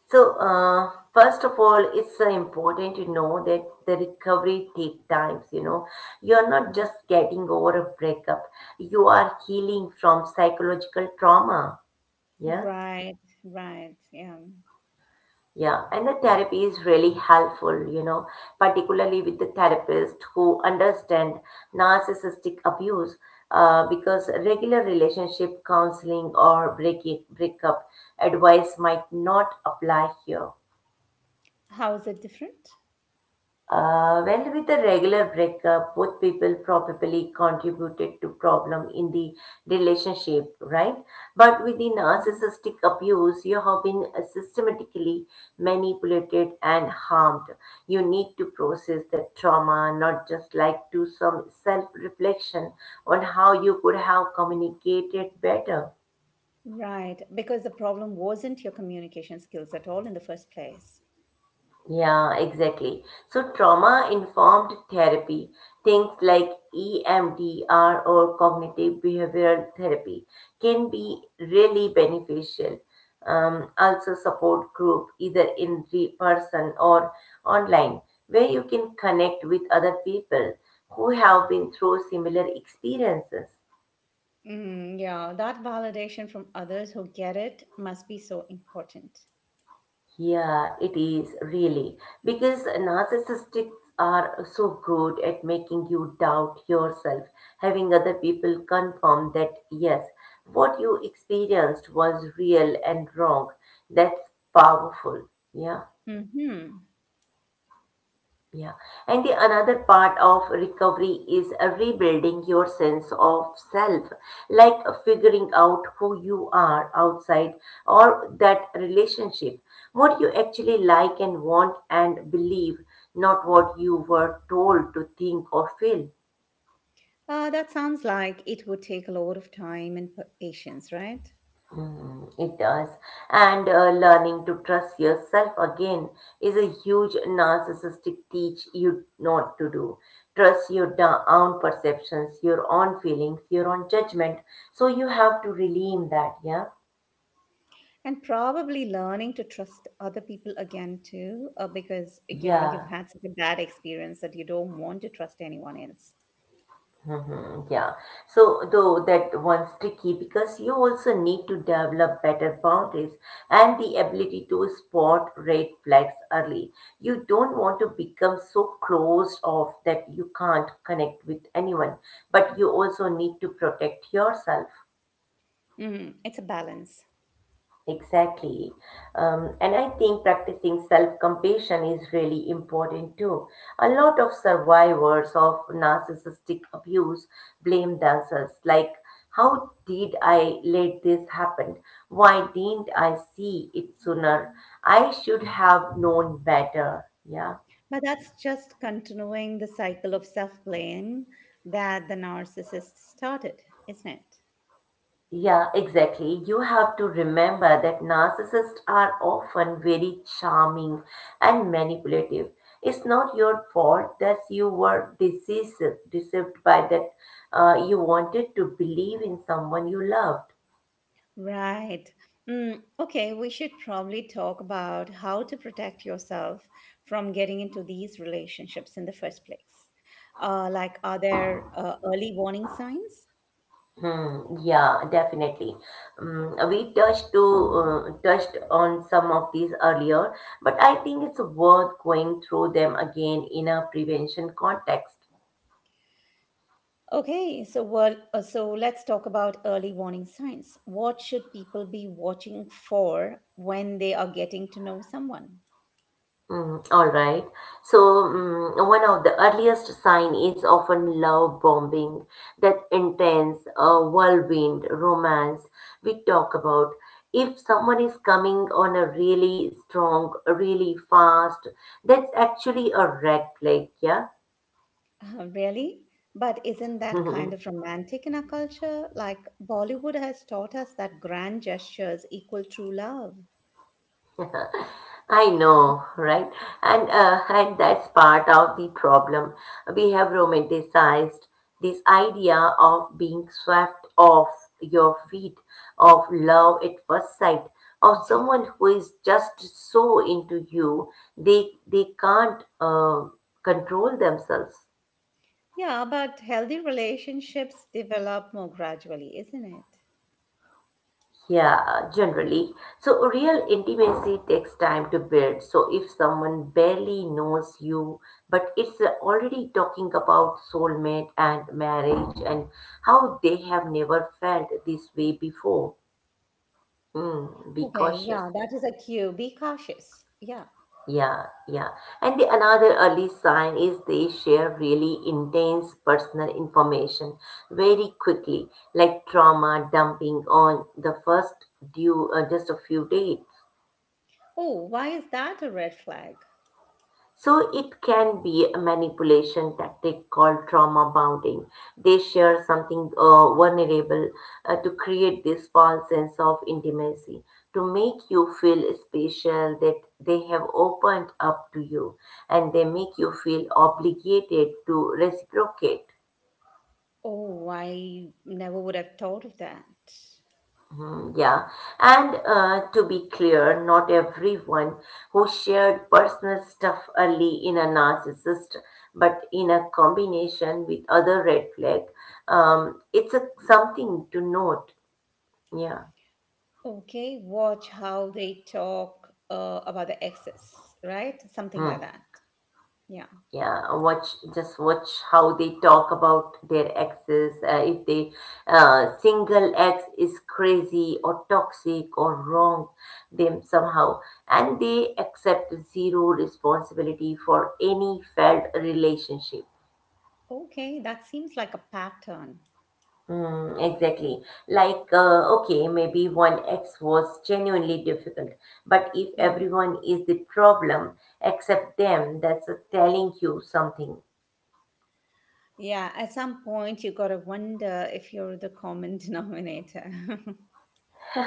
B: So, first of all, it's important to know that the recovery take times. You know, you're not
A: Mm.
B: just getting over a breakup; you are healing from psychological trauma. Yeah,
A: Right, right, yeah.
B: yeah, and the therapy is really helpful. You know, particularly with the therapist who understand narcissistic abuse, because regular relationship counseling or breakup advice might not apply here.
A: How is it different?
B: Well, with a regular breakup, both people probably contributed to problem in the relationship, right? But with the narcissistic abuse, you have been systematically manipulated and harmed. You need to process the trauma, not just like do some self-reflection on how you could have communicated better.
A: Right, because the problem wasn't your communication skills at all in the first place.
B: Yeah, exactly. So, trauma informed therapy, things like EMDR or cognitive behavioral therapy, can be really beneficial. Also, support group, either in person or online, where you can connect with other people who have been through similar experiences.
A: Mm, yeah, that validation from others who get it must be so important.
B: Yeah, it is really because narcissists are so good at making you doubt yourself, having other people confirm that yes, what you experienced was real and wrong. That's powerful. Yeah.
A: Hmm.
B: Yeah. And the another part of recovery is rebuilding your sense of self, like figuring out who you are outside or that relationship, what you actually like and want and believe, not what you were told to think or feel.
A: That sounds like it would take a lot of time and patience, right?
B: Mm, it does. And learning to trust yourself again is a huge narcissistic teach you not to do. Trust your own perceptions, your own feelings, your own judgment. So you have to redeem that, yeah?
A: And probably learning to trust other people again too, because you know you've
B: Yeah.
A: had such a bad experience that you don't want to trust anyone else.
B: Hmm. Yeah. So though that one's tricky because you also need to develop better boundaries and the ability to spot red flags early. You don't want to become so closed off that you can't connect with anyone, but you also need to protect yourself.
A: Hmm. It's a balance.
B: Exactly. And I think practicing self compassion is really important too. A lot of survivors of narcissistic abuse blame themselves, like, how did I let this happen? Why didn't I see it sooner? I should have known better. Yeah.
A: But that's just continuing the cycle of self blame that the narcissist started, isn't it?
B: Yeah, exactly. You have to remember that narcissists are often very charming and manipulative. It's not your fault that you were deceived, deceived by that you wanted to believe in someone you loved.
A: Right. Mm, okay, we should probably talk about how to protect yourself from getting into these relationships in the first place. Like, are there early warning signs?
B: Hmm, yeah, definitely. Mm, we touched on some of these earlier, but I think it's worth going through them again in a prevention context.
A: Okay, so well, so let's talk about early warning signs. What should people be watching for when they are getting to know someone?
B: Mm, all right. So, one of the earliest sign is often love bombing, that intense whirlwind romance we talk about. If someone is coming on a really strong, really fast, that's actually a red flag, yeah?
A: Really? But isn't that kind of romantic in our culture? Like Bollywood has taught us that grand gestures equal true love.
B: I know, right? And that's part of the problem. We have romanticized this idea of being swept off your feet, of love at first sight, of someone who is just so into you they can't control themselves.
A: Yeah, but healthy relationships develop more gradually, isn't it?
B: Yeah, generally. So, real intimacy takes time to build. So, if someone barely knows you, but it's already talking about soulmate and marriage and how they have never felt this way before, hmm, be
A: Okay, yeah,
B: cautious.
A: that is a cue. Be cautious. Yeah.
B: Yeah, yeah. And the another early sign is they share really intense personal information very quickly, like trauma dumping on the first due just a few days.
A: Oh, why is that a red flag?
B: So it can be a manipulation tactic called trauma bonding. They share something vulnerable to create this false sense of intimacy, to make you feel special that they have opened up to you, and they make you feel obligated to reciprocate.
A: Oh, I never would have thought of that.
B: Mm, yeah, and to be clear, not everyone who shared personal stuff early in a narcissist, but in a combination with other red flag, something to note. Yeah.
A: Okay, watch how they talk about the exes, right? Something like
B: Hmm.
A: that. Yeah.
B: Yeah, watch just watch how they talk about their exes. If they single ex is crazy or toxic or wrong them somehow, and they accept zero responsibility for any failed relationship.
A: Okay, that seems like a pattern.
B: Mm, exactly. Like, okay, maybe one ex was genuinely difficult, but if
A: Hmm.
B: everyone is the problem except them, that's telling you something.
A: Yeah, at some point you gotta wonder if you're the common denominator.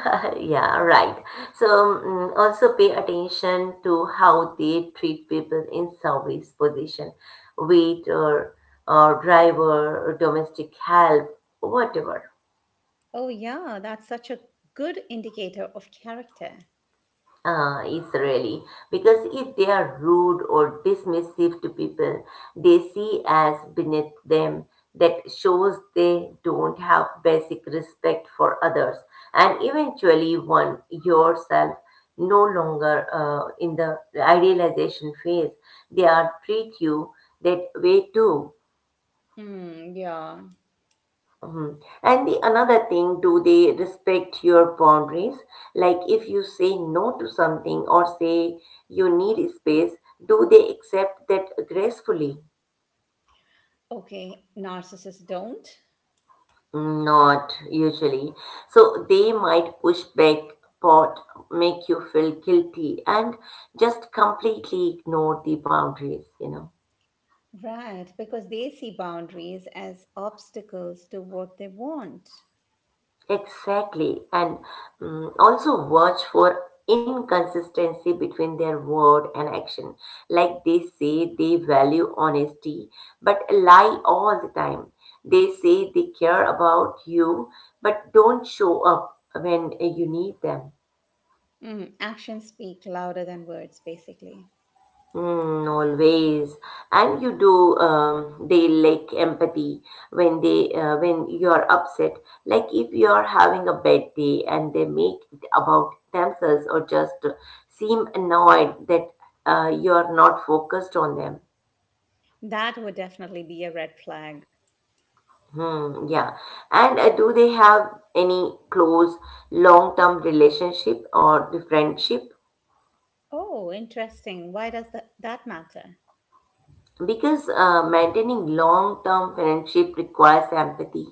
B: Yeah, right. So, also pay attention to how they treat people in service position, wait or, or driver, or domestic help, whatever.
A: Oh, yeah, that's such a good indicator of character.
B: Is really because if they are rude or dismissive to people they see as beneath them, that shows they don't have basic respect for others, and eventually one yourself no longer in the idealization phase, they are treat you that way too.
A: Hmm, yeah.
B: Mhm. And the another thing, do they respect your boundaries? Like if you say no to something or say you need space, do they accept that gracefully?
A: Okay, narcissists don't.
B: Not usually. So they might push back, pot, make you feel guilty, and just completely ignore the boundaries.
A: Right, because they see boundaries as obstacles to what they want.
B: Exactly, and also watch for inconsistency between their word and action. Like they say they value honesty, but lie all the time. They say they care about you, but don't show up when you need them.
A: Mm, actions speak louder than words, basically.
B: Mm, always. And you do, they lack empathy when they, when you're upset. Like if you're having a bad day and they make it about themselves or just seem annoyed that you're not focused on them.
A: That would definitely be a red flag.
B: Hmm, yeah. And do they have any close long-term relationship or the friendship?
A: Oh, interesting. Why does that matter?
B: Because maintaining long-term friendship requires empathy,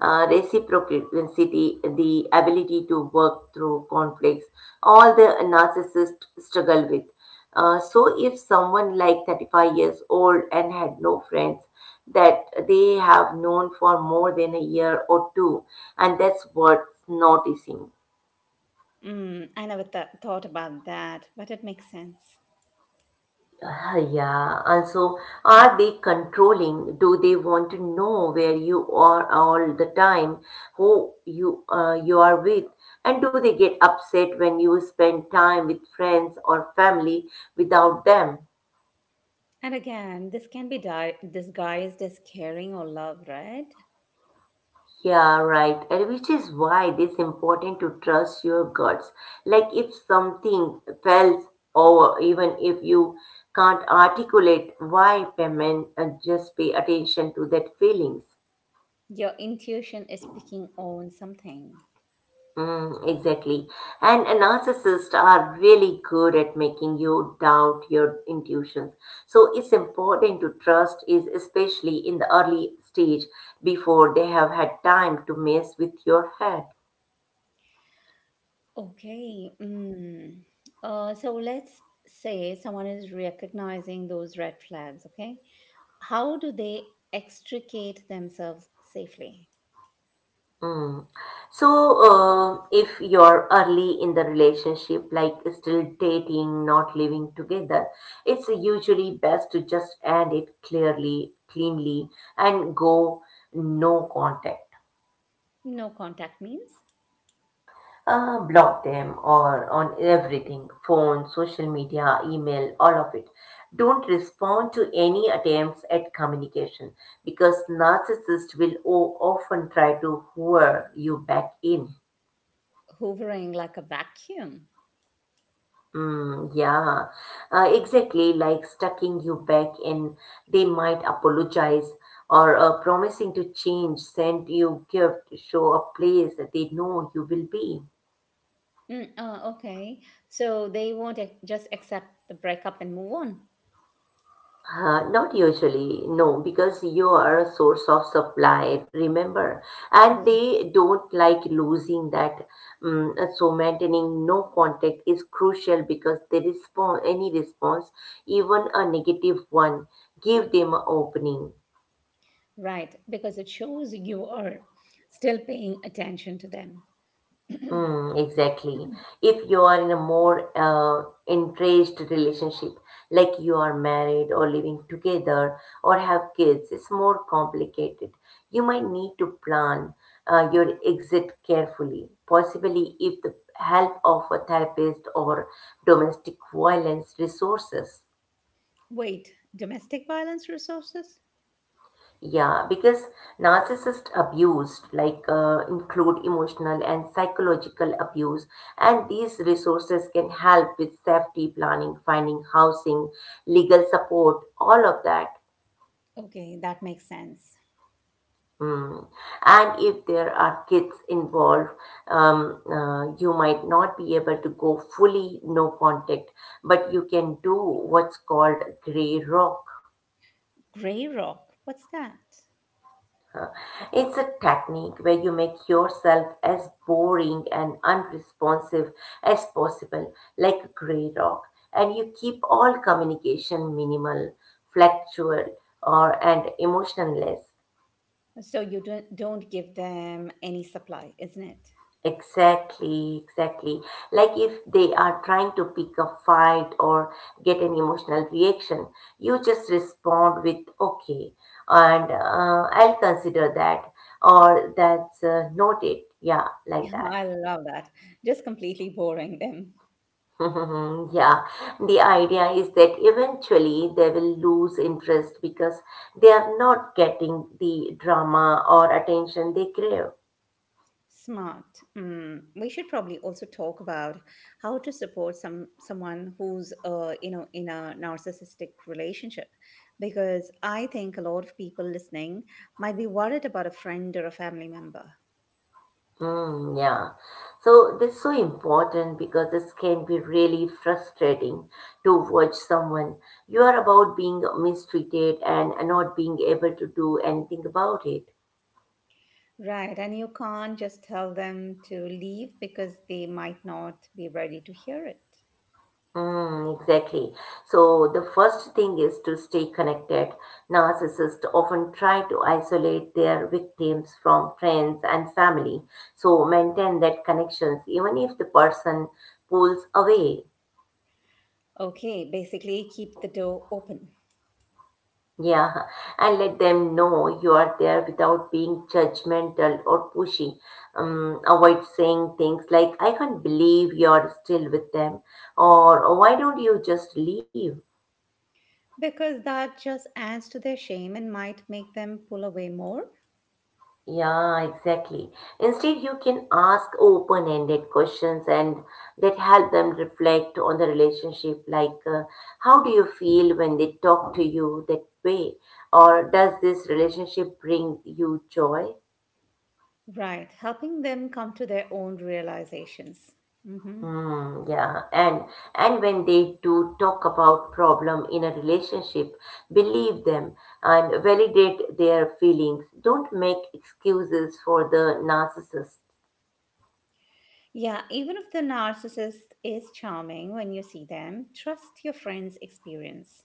B: reciprocity, the ability to work through conflicts, all the narcissists struggle with. So if someone like 35 years old and had no friends that they have known for more than a year or two, and that's worth noticing.
A: Mm, I never thought about that, but it makes sense.
B: Yeah, also, are they controlling? Do they want to know where you are all the time, who you you are with, and do they get upset when you spend time with friends or family without them?
A: And again, this can be disguised as caring or love, right?
B: Yeah, right. And which is why it is important to trust your guts. Like if something fails, or even if you can't articulate why, payment, just pay attention to that feelings.
A: Your intuition is picking on something.
B: Mm, exactly. And a narcissists are really good at making you doubt your intuitions. So it's important to trust is especially in the early stage before they have had time to mess with your head.
A: Okay. Mm. So let's say someone is recognizing those red flags, okay? How do they extricate themselves safely?
B: Mm. So, if you're early in the relationship, like still dating, not living together, it's usually best to just end it clearly, cleanly, and go no contact.
A: No contact means
B: Block them or on everything, phone, social media, email, all of it. Don't respond to any attempts at communication because narcissists will often try to lure you back in.
A: hoovering like a vacuum.
B: Mm, yeah, exactly, like stucking you back in. They might apologize or promising to change, send you gift, show a place that they know you will be.
A: Mm, okay. So they won't just accept the breakup and move on,
B: Not usually, no, because you are a source of supply, remember. And they don't like losing that. So maintaining no contact is crucial because the response, any response, even a negative one, give them an opening.
A: right? Because it shows you are still paying attention to them.
B: Mm, exactly. If you are in a more entrenched relationship, like you are married or living together or have kids, it's more complicated. You might need to plan your exit carefully, possibly if the help of a therapist or domestic violence resources.
A: Wait, domestic violence resources?
B: Yeah, because narcissist abuse like include emotional and psychological abuse, and these resources can help with safety planning, finding housing, legal support, all of that.
A: Okay, that makes sense.
B: Mm. And if there are kids involved, you might not be able to go fully no contact, but you can do what's called gray rock.
A: Grey Rock, what's that?
B: It's a technique where you make yourself as boring and unresponsive as possible, like a gray rock, and you keep all communication minimal, fluctual, or and emotionless.
A: So you don't give them any supply, isn't it?
B: Exactly, exactly. Like if they are trying to pick a fight or get an emotional reaction, you just respond with okay, and I'll consider that, or that's noted. Yeah, like that.
A: I love that. Just completely boring them.
B: Mhm, yeah, the idea is that eventually they will lose interest because they are not getting the drama or attention they crave.
A: Smart. Mm. We should probably also talk about how to support someone who's in a narcissistic relationship, because I think a lot of people listening might be worried about a friend or a family member.
B: Hmm, yeah. So that's so important because this can be really frustrating to watch someone. You are about being mistreated and not being able to do anything about it.
A: Right. And you can't just tell them to leave because they might not be ready to hear it.
B: Mm, exactly. So the first thing is to stay connected. Narcissists often try to isolate their victims from friends and family. So maintain that connections even if the person pulls away.
A: Okay. Basically, keep the door open,
B: Yeah, and let them know you are there without being judgmental or pushy. Avoid saying things like, I can't believe you're still with them, or why don't you just leave?
A: because that just adds to their shame and might make them pull away more.
B: Yeah, exactly. Instead, you can ask open ended questions and that help them reflect on the relationship like, how do you feel when they talk to you that way? Or does this relationship bring you joy?
A: Right. Helping them come to their own realizations. Hmm.
B: Mm, yeah, and when they do talk about problem in a relationship, believe them and validate their feelings. Don't make excuses for the narcissist.
A: Yeah. Even if the narcissist is charming when you see them, trust your friend's experience.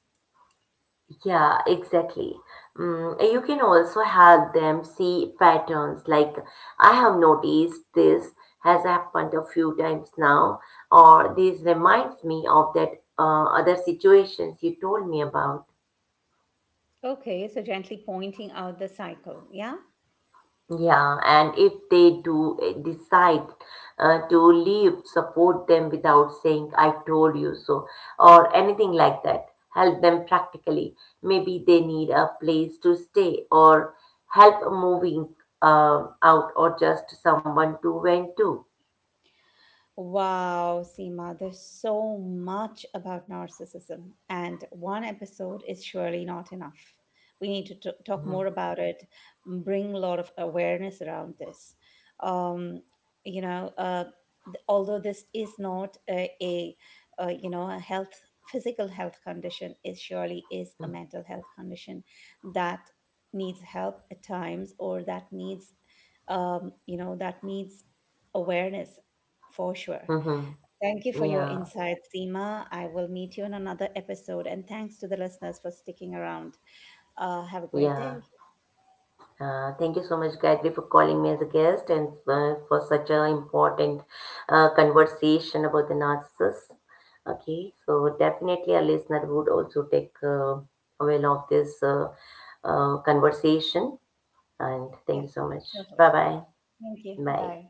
B: Yeah, exactly. Mm, you can also help them see patterns like I have noticed this has happened a few times now, or this reminds me of that other situations you told me about.
A: Okay. So, gently pointing out the cycle. Yeah.
B: Yeah, and if they do decide to leave, support them without saying, I told you so, or anything like that. Help them practically. Maybe they need a place to stay, or help moving out, or just someone to vent to.
A: Wow, Seema, there's so much about narcissism, and one episode is surely not enough. We need to talk
B: Mhm.
A: more about it, bring a lot of awareness around this. Um, you know, uh, Although this is not a, a you know a health physical health condition, it surely is a mental health condition that needs help at times or that needs that needs awareness for sure.
B: Mhm.
A: Thank you for your
B: Yeah,
A: insights, Seema. I will meet you in another episode. And thanks to the listeners for sticking around. Have a great
B: yeah.
A: day.
B: Thank you so much, Gayatri, for calling me as a guest and for such an important conversation about the narcissist. Okay, so definitely a listener would also take avail of this conversation. And thank
A: Yeah,
B: you so much.
A: definitely.
B: Bye bye.
A: Thank you.
B: Bye.
A: Bye.